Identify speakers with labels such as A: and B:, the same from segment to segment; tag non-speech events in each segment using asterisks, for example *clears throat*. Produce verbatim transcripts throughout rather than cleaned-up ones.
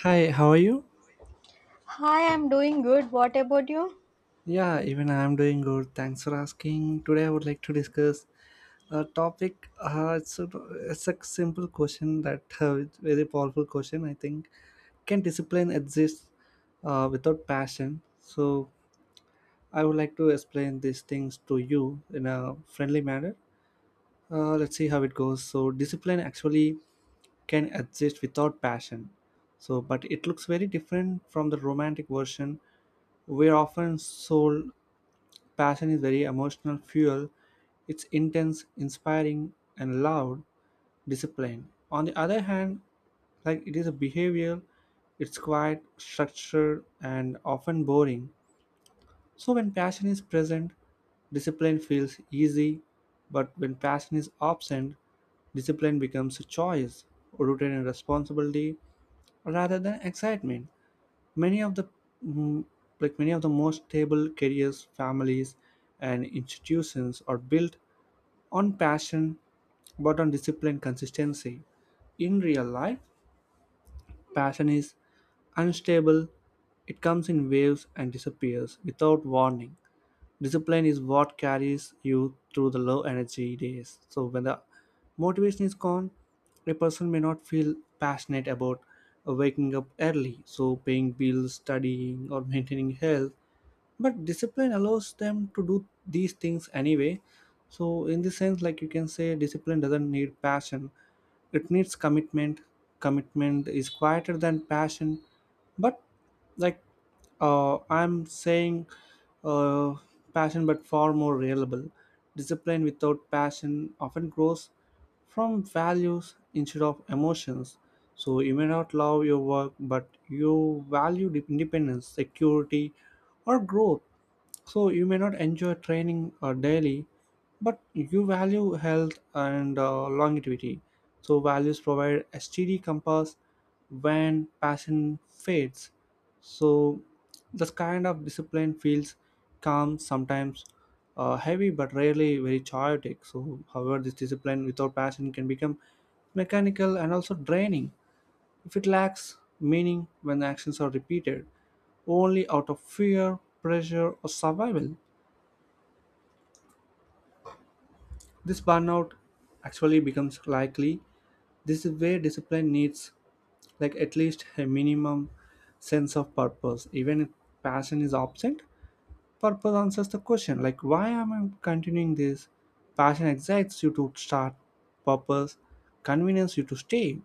A: Hi, how are you?
B: Hi, I'm doing good. What about you?
A: Yeah, even I'm doing good. Thanks for asking. Today I would like to discuss a topic. Uh, it's, a, it's a simple question that *laughs* uh, it's very powerful question. I think can discipline exist uh, without passion? So I would like to explain these things to you in a friendly manner. Uh, let's see how it goes. So discipline actually can exist without passion. So, but it looks very different from the romantic version. We're often sold. Passion is very emotional fuel. It's intense, inspiring, and loud, disciplined. On the other hand, like it is a behavior, it's quite structured and often boring. So when passion is present, discipline feels easy, but when passion is absent, discipline becomes a choice, routine and responsibility rather than excitement. Many of the mm, Like many of the most stable careers, families, and institutions are built on passion, but on discipline, consistency. In real life, passion is unstable. It comes in waves and disappears without warning. Discipline is what carries you through the low energy days. So when the motivation is gone, a person may not feel passionate about uh, waking up early, so paying bills, studying, or maintaining health, but discipline allows them to do these things anyway. So in this sense, like, you can say discipline doesn't need passion, it needs commitment. Commitment is quieter than passion, but like uh, I'm saying uh, passion, but far more reliable. Discipline without passion often grows from values instead of emotions. So you may not love your work, but you value the independence, security, or growth. So you may not enjoy training uh, daily, but you value health and uh, longevity. So values provide a steady compass when passion fades. So this kind of discipline feels calm, sometimes uh, heavy, but rarely very chaotic. So, however, this discipline without passion can become mechanical and also draining if it lacks meaning, when actions are repeated only out of fear, pressure, or survival. This burnout actually becomes likely. This is where discipline needs like at least a minimum sense of purpose. Even if passion is absent, purpose answers the question, like why am I continuing this? Passion excites you to start, purpose convenience you to stay.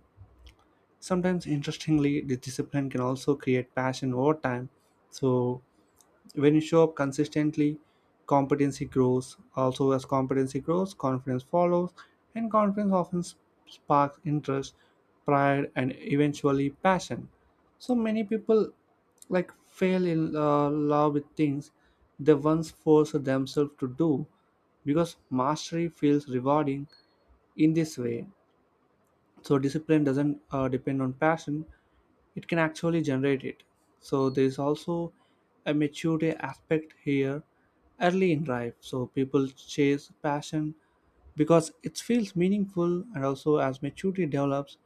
A: Sometimes, interestingly, the discipline can also create passion over time. So when you show up consistently, competency grows. Also, as competency grows, confidence follows, and confidence often s- sparks interest, pride, and eventually passion. So many people like fail in uh, love with things they once forced themselves to do, because mastery feels rewarding in this way. So discipline doesn't uh, depend on passion, it can actually generate it. So there is also a maturity aspect here. Early in life, so people chase passion because it feels meaningful. And also as maturity develops,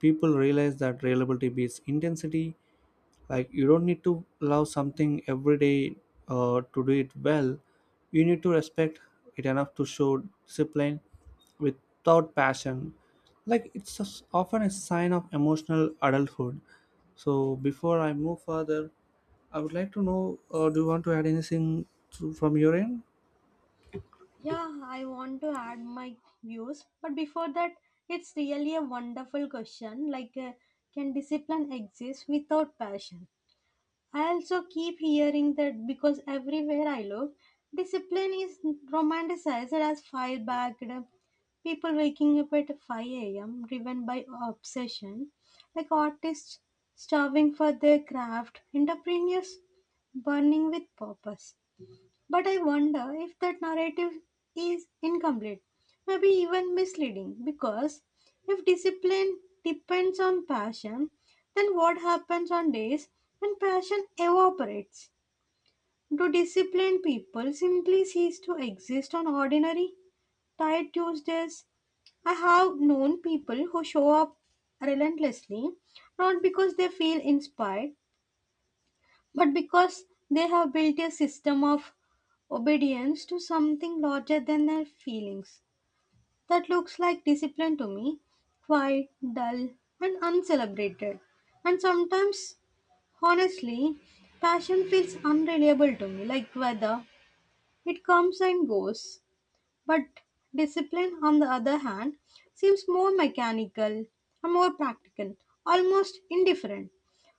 A: people realize that reliability beats intensity. Like, you don't need to love something every day uh, to do it well, you need to respect it enough to show discipline without passion. Like, it's a s often a sign of emotional adulthood. So before I move further, I would like to know, uh, do you want to add anything to, from your end?
B: Yeah, I want to add my views. But before that, it's really a wonderful question. Like, uh, can discipline exist without passion? I also keep hearing that because everywhere I look, discipline is romanticized as fire backed, people waking up at five a m driven by obsession, like artists starving for their craft, entrepreneurs burning with purpose. But I wonder if that narrative is incomplete, maybe even misleading, because if discipline depends on passion, then what happens on days when passion evaporates? Do disciplined people simply cease to exist on ordinary, tired Tuesdays? I have known people who show up relentlessly, not because they feel inspired, but because they have built a system of obedience to something larger than their feelings. That looks like discipline to me: quiet, dull, and uncelebrated. And sometimes, honestly, passion feels unreliable to me, like weather. It comes and goes. But discipline, on the other hand, seems more mechanical and more practical, almost indifferent.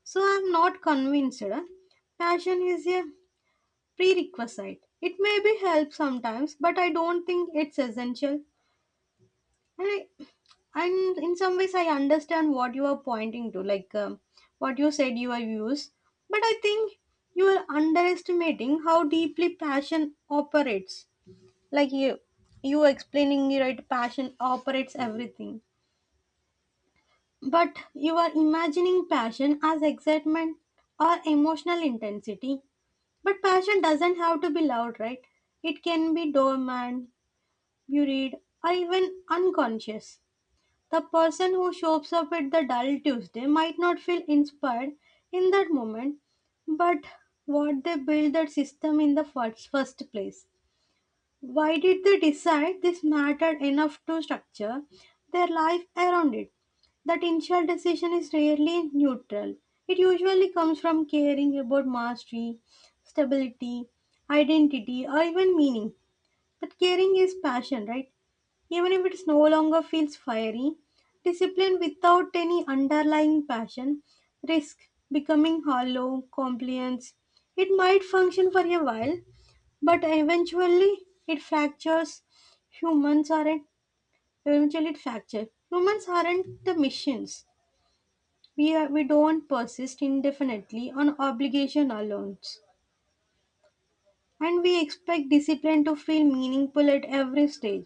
B: So I'm not convinced uh, passion is a prerequisite. It may be help sometimes, but I don't think it's essential. And I, and in some ways, I understand what you are pointing to, like um, what you said you are used. But I think you are underestimating how deeply passion operates. Like you, you are explaining right, passion operates everything. But you are imagining passion as excitement or emotional intensity. But passion doesn't have to be loud, right? It can be dormant, you read, are even unconscious. The person who shows up at the dull Tuesday might not feel inspired in that moment, but what they built that system in the first, first place. Why did they decide this mattered enough to structure their life around it? That initial decision is rarely neutral. It usually comes from caring about mastery, stability, identity, or even meaning. But caring is passion, right? Even if it no longer feels fiery, discipline without any underlying passion risk becoming hollow, compliance. It might function for a while, but eventually it fractures. Humans aren't eventually it fractures. Humans aren't the machines. We are, we don't persist indefinitely on obligation alone, and we expect discipline to feel meaningful at every stage.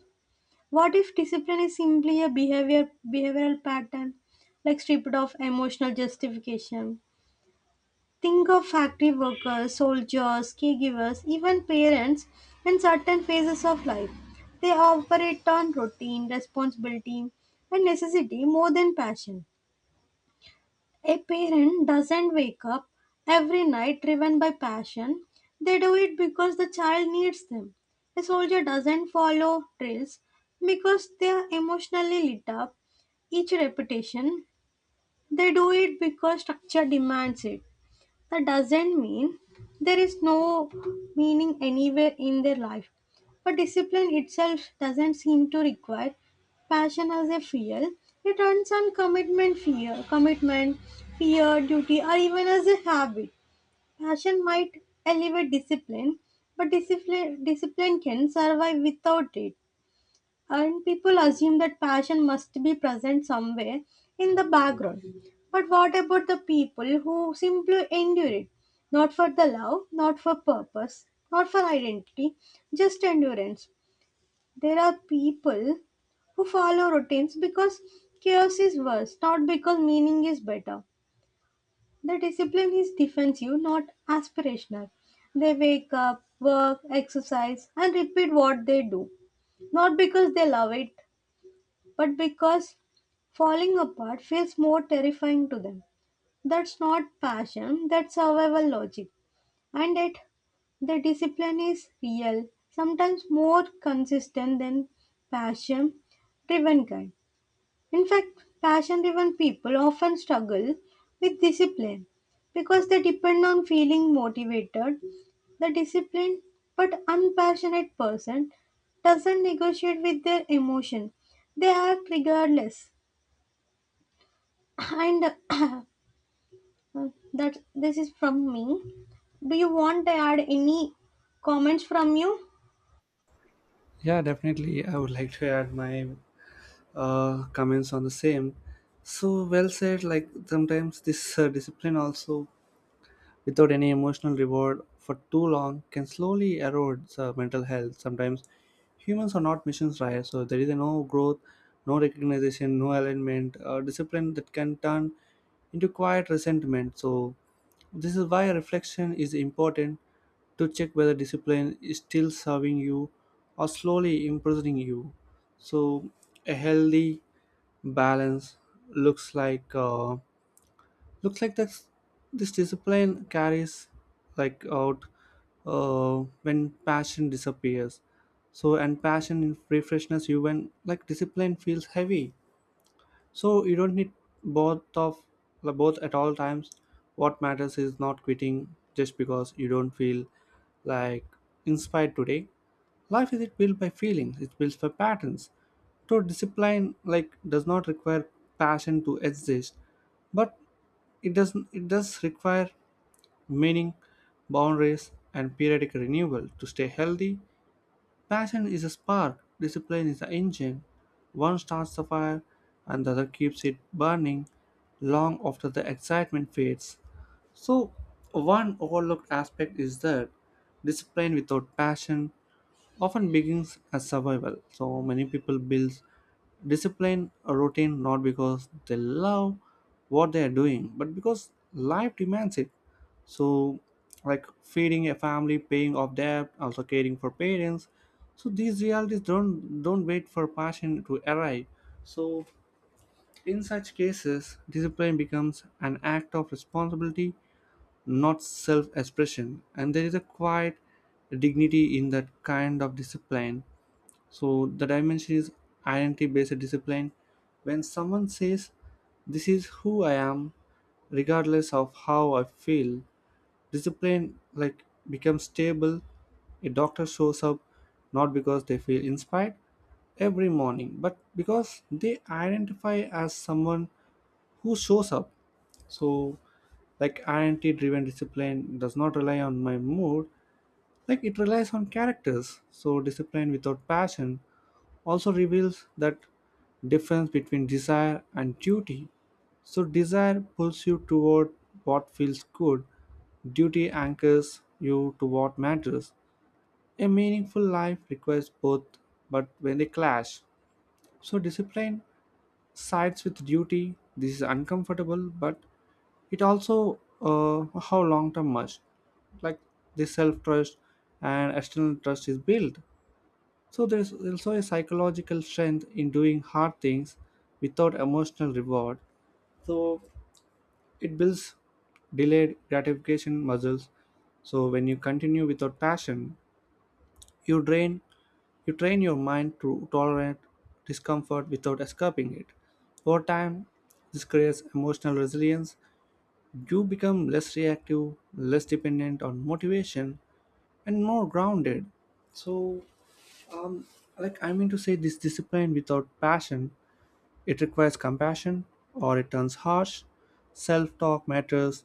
B: What if discipline is simply a behavior behavioral pattern, like stripped of emotional justification? Think of factory workers, soldiers, caregivers, even parents in certain phases of life. They operate on routine, responsibility, and necessity more than passion. A parent doesn't wake up every night driven by passion. They do it because the child needs them. A soldier doesn't follow drills because they are emotionally lit up. Each repetition, they do it because structure demands it. That doesn't mean there is no meaning anywhere in their life. But discipline itself doesn't seem to require passion as a fuel. It runs on commitment, fear, commitment, fear, duty, or even as a habit. Passion might elevate discipline, but discipline discipline can survive without it. And people assume that passion must be present somewhere in the background. But what about the people who simply endure it? Not for the love, not for purpose, not for identity, just endurance. There are people who follow routines because chaos is worse, not because meaning is better. The discipline is defensive, not aspirational. They wake up, work, exercise, and repeat what they do, not because they love it, but because falling apart feels more terrifying to them. That's not passion, that's survival logic. And yet, the discipline is real, sometimes more consistent than passion driven kind. In fact, passion driven people often struggle with discipline because they depend on feeling motivated. The disciplined but unpassionate person doesn't negotiate with their emotion, they act regardless. *clears throat* And *coughs* *clears throat* that this is from me. Do you want to add any comments from you?
A: Yeah, definitely. I would like to add my uh, comments on the same. So, well said. Like, sometimes this uh, discipline also, without any emotional reward for too long, can slowly erode uh, mental health. Sometimes humans are not missions, right? So there is no growth, no recognition, no alignment, uh, discipline, that can turn into quiet resentment. So this is why reflection is important, to check whether discipline is still serving you or slowly imprisoning you. So a healthy balance looks like uh, Looks like that. This discipline carries like out uh, when passion disappears. So, and passion in free freshness, you when like discipline feels heavy. So you don't need both of like, both at all times. What matters is not quitting just because you don't feel like inspired today. Life isn't built by feelings, it's built by patterns. So discipline like does not require passion to exist, but it doesn't it does require meaning, boundaries, and periodic renewal to stay healthy. Passion is a spark, discipline is the engine. One starts the fire and the other keeps it burning long after the excitement fades. So, one overlooked aspect is that discipline without passion often begins as survival. So many people build discipline or routine not because they love what they are doing, but because life demands it. So, like feeding a family, paying off debt, also caring for parents. So these realities don't don't wait for passion to arrive. So in such cases, discipline becomes an act of responsibility, not self-expression, and there is a quiet dignity in that kind of discipline. So the dimension is identity based discipline. When someone says, "This is who I am, regardless of how I feel," discipline like becomes stable. A doctor shows up not because they feel inspired every morning, but because they identify as someone who shows up. So, like, identity driven discipline does not rely on my mood, like, it relies on characters. So discipline without passion also reveals that difference between desire and duty. So desire pulls you toward what feels good, duty anchors you to what matters. A meaningful life requires both, but when they clash, so discipline sides with duty. This is uncomfortable, but it also uh, how long term much, like, the self trust and external trust is built. So there's also a psychological strength in doing hard things without emotional reward. So it builds delayed gratification muscles. So when you continue without passion, you drain you train your mind to tolerate discomfort without escaping it. Over time, this creates emotional resilience. You become less reactive, less dependent on motivation, and more grounded. So Um, like, I mean to say, this discipline without passion, it requires compassion, or it turns harsh. Self-talk matters.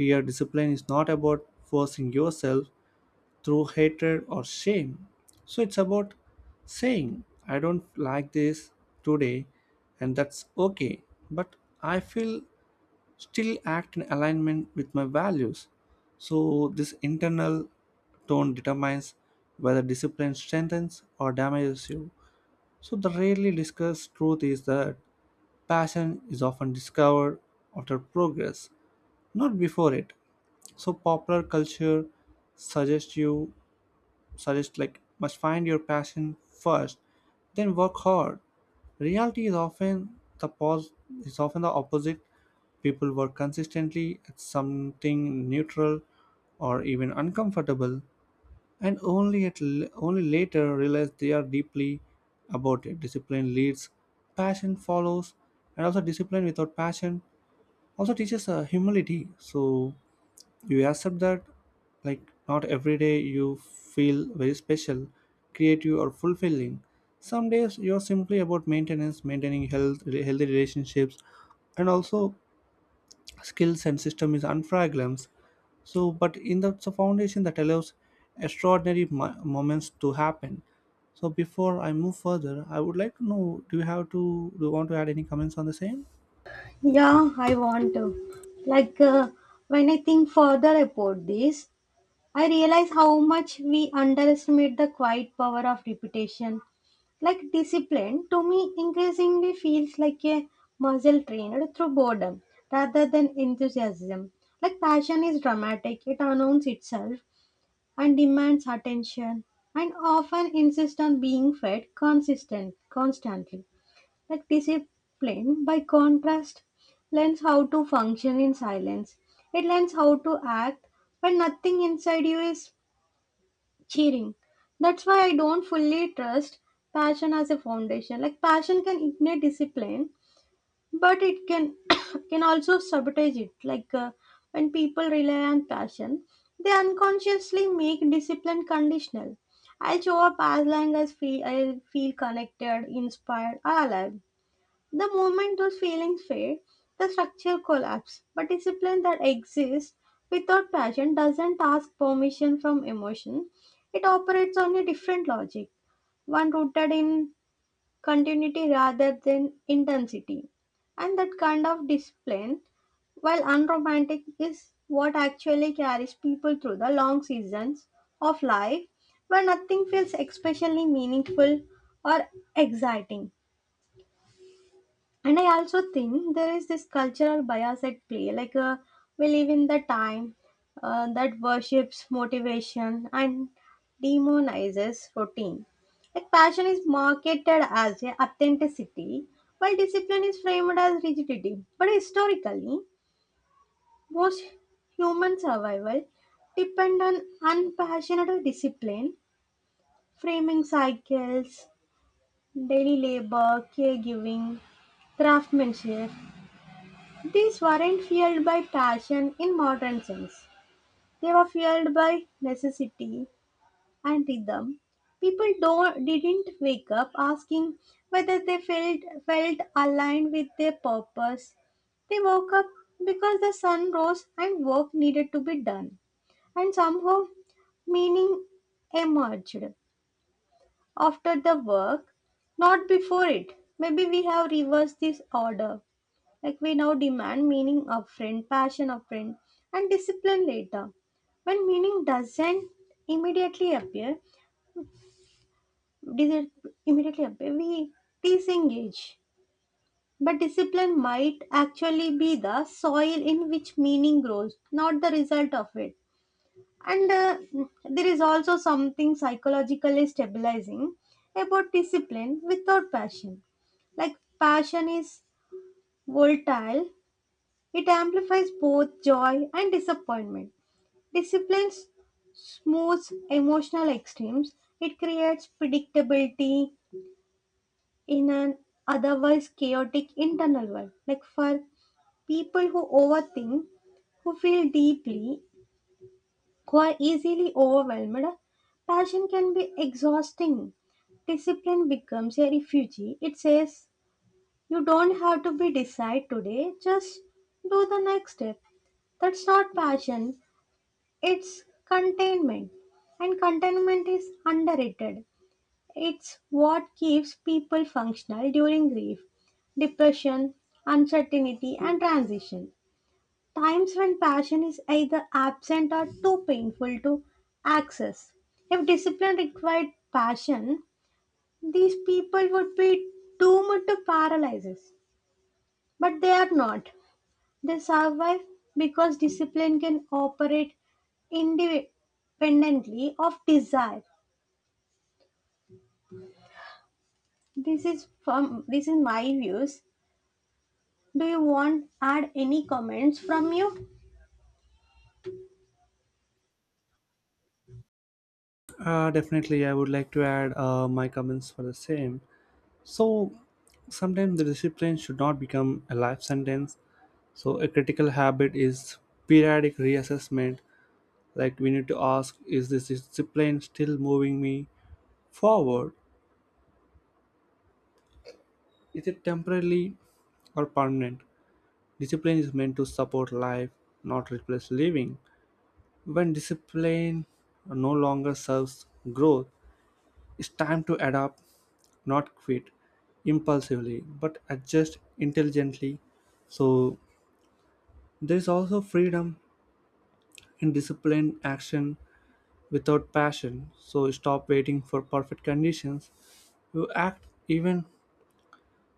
A: Here, discipline is not about forcing yourself through hatred or shame. So it's about saying, "I don't like this today," and that's okay. But I feel still act in alignment with my values. So this internal tone determines whether discipline strengthens or damages you. So, the rarely discussed truth is that passion is often discovered after progress, not before it. So, popular culture suggests you suggest like must find your passion first, then work hard. Reality is often the pos- is often the opposite. People work consistently at something neutral or even uncomfortable and only at l- only later realize they are deeply about it. Discipline leads, passion follows, and also discipline without passion also teaches uh, humility. So you accept that, like, not every day you feel very special, creative, or fulfilling. Some days you're simply about maintenance, maintaining health, healthy relationships, and also skills and system is unfragrams. So, but in the so foundation that allows extraordinary mo- moments to happen. So, before I move further, I would like to know: Do you have to? Do you want to add any comments on the same?
B: Yeah, I want to. Like uh, when I think further about this, I realize how much we underestimate the quiet power of repetition. Like discipline, to me, increasingly feels like a muscle trained through boredom rather than enthusiasm. Like passion is dramatic, it announces itself and demands attention and often insists on being fed consistent constantly. Like discipline, by contrast, learns how to function in silence. It learns how to act when nothing inside you is cheering. That's why I don't fully trust passion as a foundation. Like passion can ignite discipline, but it can *coughs* can also sabotage it. Like uh, when people rely on passion, they unconsciously make discipline conditional. I'll show up as long as feel, I feel connected, inspired, or alive. The moment those feelings fade, the structure collapses. But discipline that exists without passion doesn't ask permission from emotion. It operates on a different logic, one rooted in continuity rather than intensity. And that kind of discipline, while unromantic, is what actually carries people through the long seasons of life where nothing feels especially meaningful or exciting. And I also think there is this cultural bias at play. Like uh, we live in the time uh, that worships motivation and demonizes routine. Like passion is marketed as a authenticity, while discipline is framed as rigidity. But historically, most human survival depend on unpassionate discipline, framing cycles, daily labor, caregiving, craftsmanship. These weren't fueled by passion in modern sense. They were fueled by necessity and rhythm. People don't, didn't wake up asking whether they felt, felt aligned with their purpose. They woke up because the sun rose and work needed to be done. And somehow meaning emerged after the work, not before it. Maybe we have reversed this order. Like we now demand meaning upfront, passion upfront, and discipline later. When meaning doesn't immediately appear, doesn't immediately appear, we disengage. But discipline might actually be the soil in which meaning grows, not the result of it. And uh, there is also something psychologically stabilizing about discipline without passion. Like passion is volatile. It amplifies both joy and disappointment. Discipline smooths emotional extremes. It creates predictability in an otherwise chaotic internal world. Like for people who overthink, who feel deeply, who are easily overwhelmed, passion can be exhausting. Discipline becomes a refuge. It says, you don't have to be decide today, just do the next step. That's not passion, it's containment, and containment is underrated. It's what keeps people functional during grief, depression, uncertainty, and transition. Times when passion is either absent or too painful to access. If discipline required passion, these people would be doomed to paralysis, but they are not. They survive because discipline can operate independently of desire. This is from this is my views. Do you want add any comments from you?
A: Uh, definitely, I would like to add uh, my comments for the same. So, sometimes the discipline should not become a life sentence. So, a critical habit is periodic reassessment. Like, we need to ask, is this discipline still moving me forward? Is it temporarily or permanent? Discipline is meant to support life, not replace living. When discipline no longer serves growth, it's time to adapt, not quit impulsively, but adjust intelligently. So, there is also freedom in disciplined action without passion. So, stop waiting for perfect conditions. You act even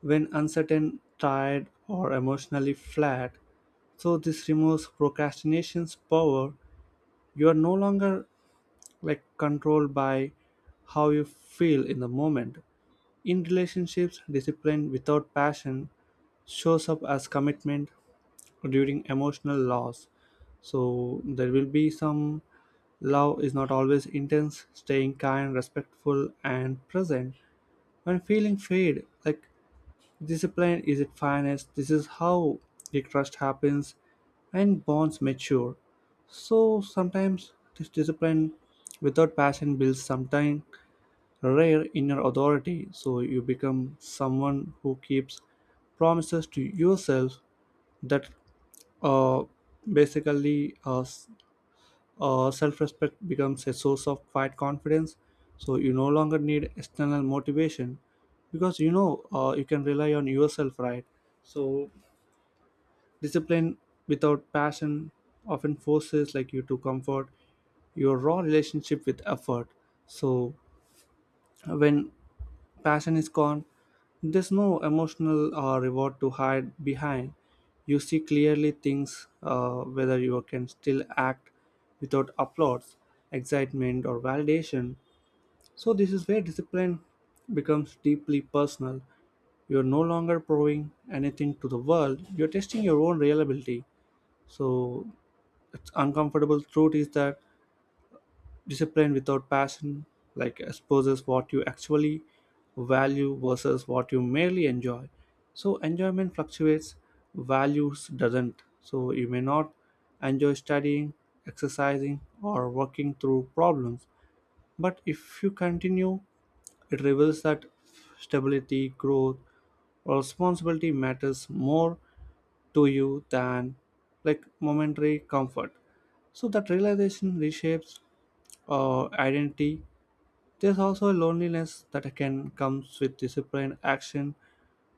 A: when uncertain, tired, or emotionally flat. So, this removes procrastination's power. You are no longer like controlled by how you feel in the moment. In relationships, discipline without passion shows up as commitment during emotional loss. So there will be some love is not always intense, staying kind, respectful, and present. When feeling fade, like, discipline is at finest, this is how the trust happens and bonds mature. So sometimes this discipline without passion builds sometime rare inner authority, so you become someone who keeps promises to yourself that uh, basically uh, s- uh, self-respect becomes a source of quiet confidence. So you no longer need external motivation because you know uh, you can rely on yourself, right? So discipline without passion often forces like you to comfort your raw relationship with effort. So when passion is gone, there's no emotional uh, reward to hide behind. You see clearly things, uh, whether you can still act without applause, excitement, or validation. So this is where discipline becomes deeply personal. You're no longer proving anything to the world, you're testing your own reliability. So, it's uncomfortable truth is that discipline without passion like exposes what you actually value versus what you merely enjoy. So enjoyment fluctuates, values doesn't. So you may not enjoy studying, exercising, or working through problems. But if you continue, it reveals that stability, growth, or responsibility matters more to you than like momentary comfort. So that realization reshapes or identity. There's also a loneliness that can comes with disciplined action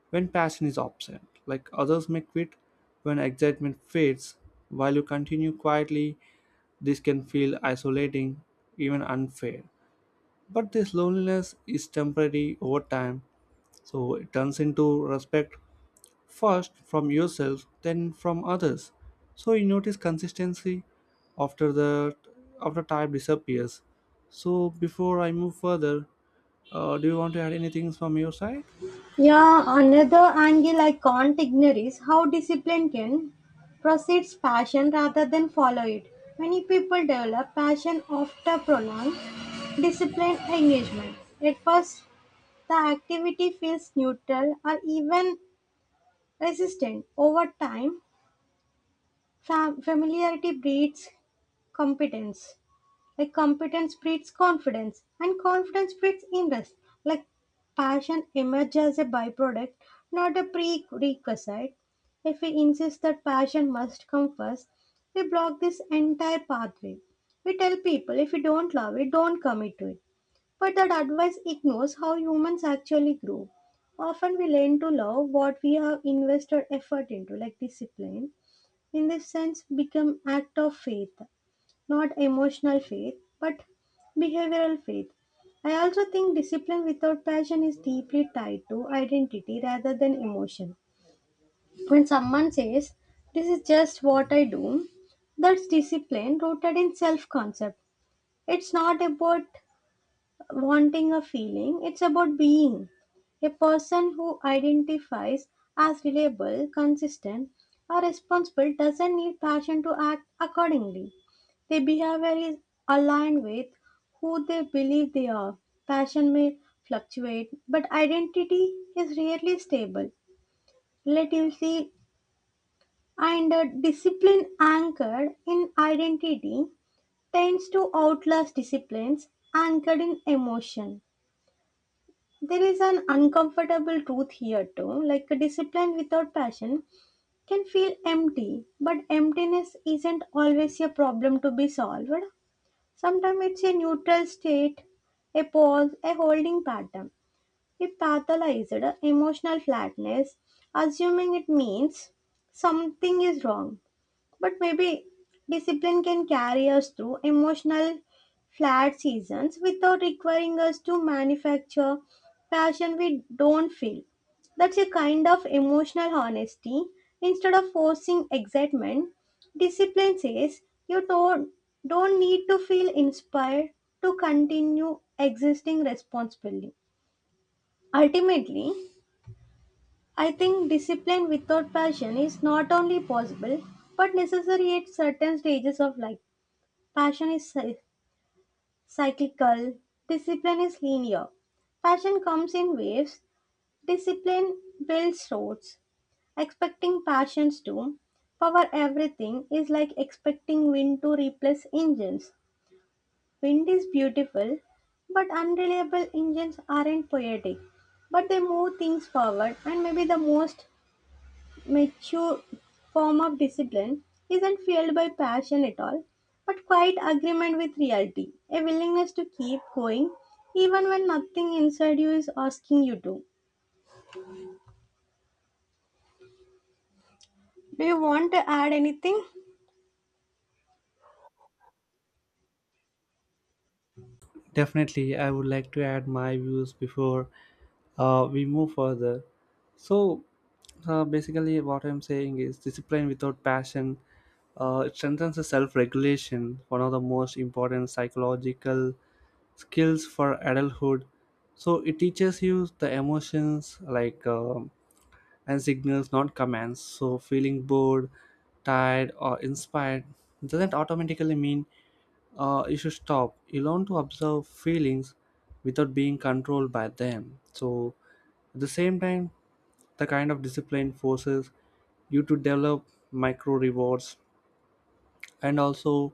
A: when passion is absent. Like others may quit when excitement fades, while you continue quietly. This can feel isolating, even unfair. But this loneliness is temporary over time, so it turns into respect first from yourself then from others, so you notice consistency after the after type disappears. So before I move further, uh, do you want to add anything from your side?
B: Yeah, another angle I can't ignore is how discipline can precedes passion rather than follow it. Many people develop passion after prolonged disciplined engagement. At first, the activity feels neutral or even resistant. Over time, fam- familiarity breeds competence. Like competence breeds confidence, and confidence breeds interest. Like passion emerges as a byproduct, not a prerequisite. If we insist that passion must come first, we block this entire pathway. We tell people if you don't love it, don't commit to it. But that advice ignores how humans actually grow. Often we learn to love what we have invested effort into, like discipline. In this sense, become act of faith, not emotional faith, but behavioral faith. I also think discipline without passion is deeply tied to identity rather than emotion. When someone says, this is just what I do, that's discipline rooted in self concept. It's not about wanting a feeling, it's about being. A person who identifies as reliable, consistent, or responsible doesn't need passion to act accordingly. Their behavior is aligned with who they believe they are. Passion may fluctuate, but identity is rarely stable. Relativity and uh, discipline anchored in identity tends to outlast disciplines anchored in emotion. There is an uncomfortable truth here too, like a discipline without passion can feel empty, but emptiness isn't always a problem to be solved. Sometimes it's a neutral state, a pause, a holding pattern. We pathologized emotional flatness, assuming it means something is wrong. But maybe discipline can carry us through emotional flat seasons without requiring us to manufacture passion we don't feel. That's a kind of emotional honesty. Instead of forcing excitement, discipline says you don't, don't need to feel inspired to continue existing responsibly. Ultimately, I think discipline without passion is not only possible but necessary at certain stages of life. Passion is cy- cyclical, discipline is linear. Passion comes in waves, discipline builds roads. Expecting passions to power everything is like expecting wind to replace engines. Wind is beautiful, but unreliable engines aren't poetic, but they move things forward. And maybe the most mature form of discipline isn't fueled by passion at all, but quite agreement with reality, a willingness to keep going even when nothing inside you is asking you to. Do you want to add anything?
A: Definitely, I would like to add my views before uh, we move further. So, uh, basically, what I'm saying is discipline without passion. Uh, it strengthens the self-regulation, one of the most important psychological skills for adulthood. So it teaches you the emotions like um, and signals, not commands. So feeling bored, tired, or inspired doesn't automatically mean uh, you should stop. You learn to observe feelings without being controlled by them. So, at the same time, the kind of discipline forces you to develop micro rewards. And also,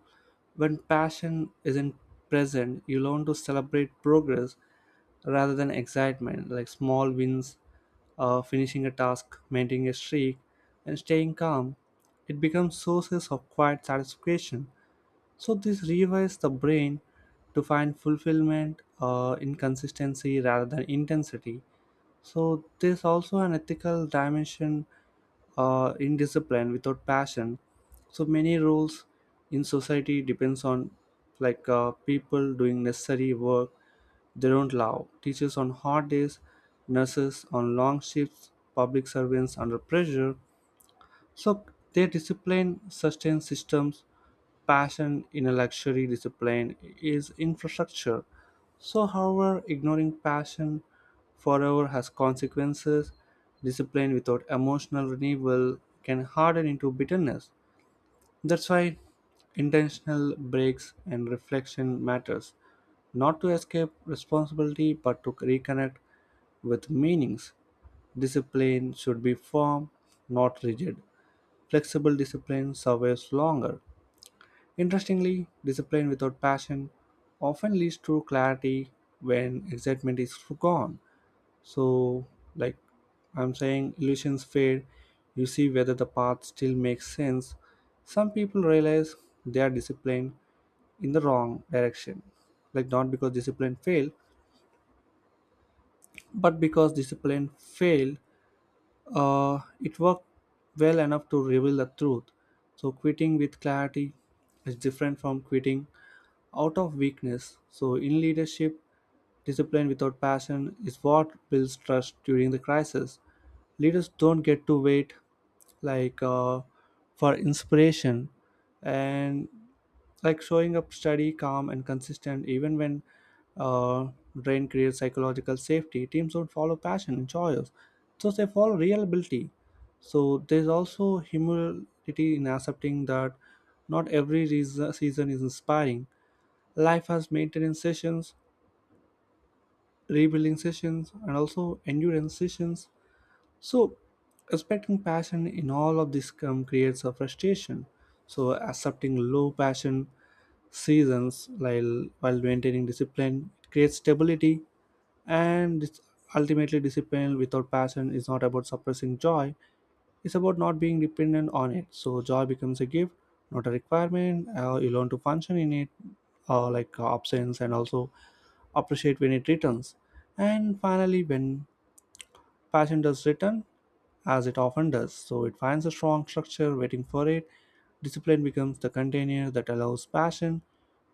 A: when passion isn't present, you learn to celebrate progress rather than excitement, like small wins, uh, finishing a task, maintaining a streak, and staying calm. It becomes sources of quiet satisfaction, so this rewires the brain to find fulfillment uh, in consistency rather than intensity. So there's also an ethical dimension uh, in discipline without passion. So many roles in society depends on like uh, people doing necessary work they don't love. Teachers on hot days, nurses on long shifts, public servants under pressure. So they discipline sustain systems. Passion in a luxury, discipline is infrastructure. So, however, ignoring passion forever has consequences. Discipline without emotional renewal can harden into bitterness. That's why intentional breaks and reflection matters, not to escape responsibility but to reconnect with meanings. Discipline should be firm, not rigid. Flexible discipline survives longer. Interestingly, discipline without passion often leads to clarity when excitement is gone. So, like I'm saying, illusions fade. You see whether the path still makes sense. Some people realize they are disciplined in the wrong direction. Like, not because discipline failed, but because discipline failed. Uh, it worked well enough to reveal the truth. So, quitting with clarity is different from quitting out of weakness. So, in leadership, discipline without passion is what builds trust during the crisis. Leaders don't get to wait like uh, for inspiration and like showing up steady, calm, and consistent even when uh, drain creates psychological safety. Teams don't follow passion and choice, so they follow real ability. So there's also humility in accepting that not every reason, season is inspiring. Life has maintenance sessions, rebuilding sessions, and also endurance sessions. So, respecting passion in all of this come creates a frustration. So, accepting low passion seasons while while maintaining discipline creates stability, and it's ultimately discipline without passion is not about suppressing joy. It's about not being dependent on it. So, joy becomes a gift, not a requirement. Uh, you learn to function in it, uh, like uh, absence and also appreciate when it returns. And finally, when passion does return, as it often does, so it finds a strong structure waiting for it. Discipline becomes the container that allows passion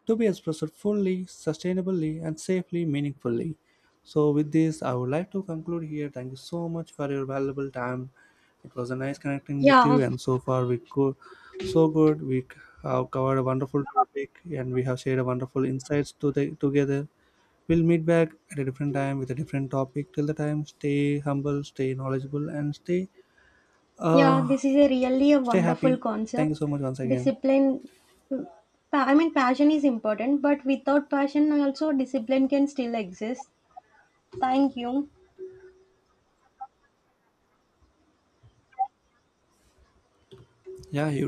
A: to be expressed fully, sustainably, and safely, meaningfully. So, with this, I would like to conclude here. Thank you so much for your valuable time. It was a nice connecting with
B: Yeah,
A: you, and so far we go so good. We have covered a wonderful topic, and we have shared a wonderful insights to the, together. We'll meet back at a different time with a different topic. Till the time, stay humble, stay knowledgeable, and stay
B: yeah,
A: uh
B: this is a really a
A: stay
B: wonderful
A: happy. Thank you
B: concept.
A: so much once again.
B: Discipline, pa- I mean, passion is important, but without passion, also discipline can still exist. Thank you.
A: Yeah, you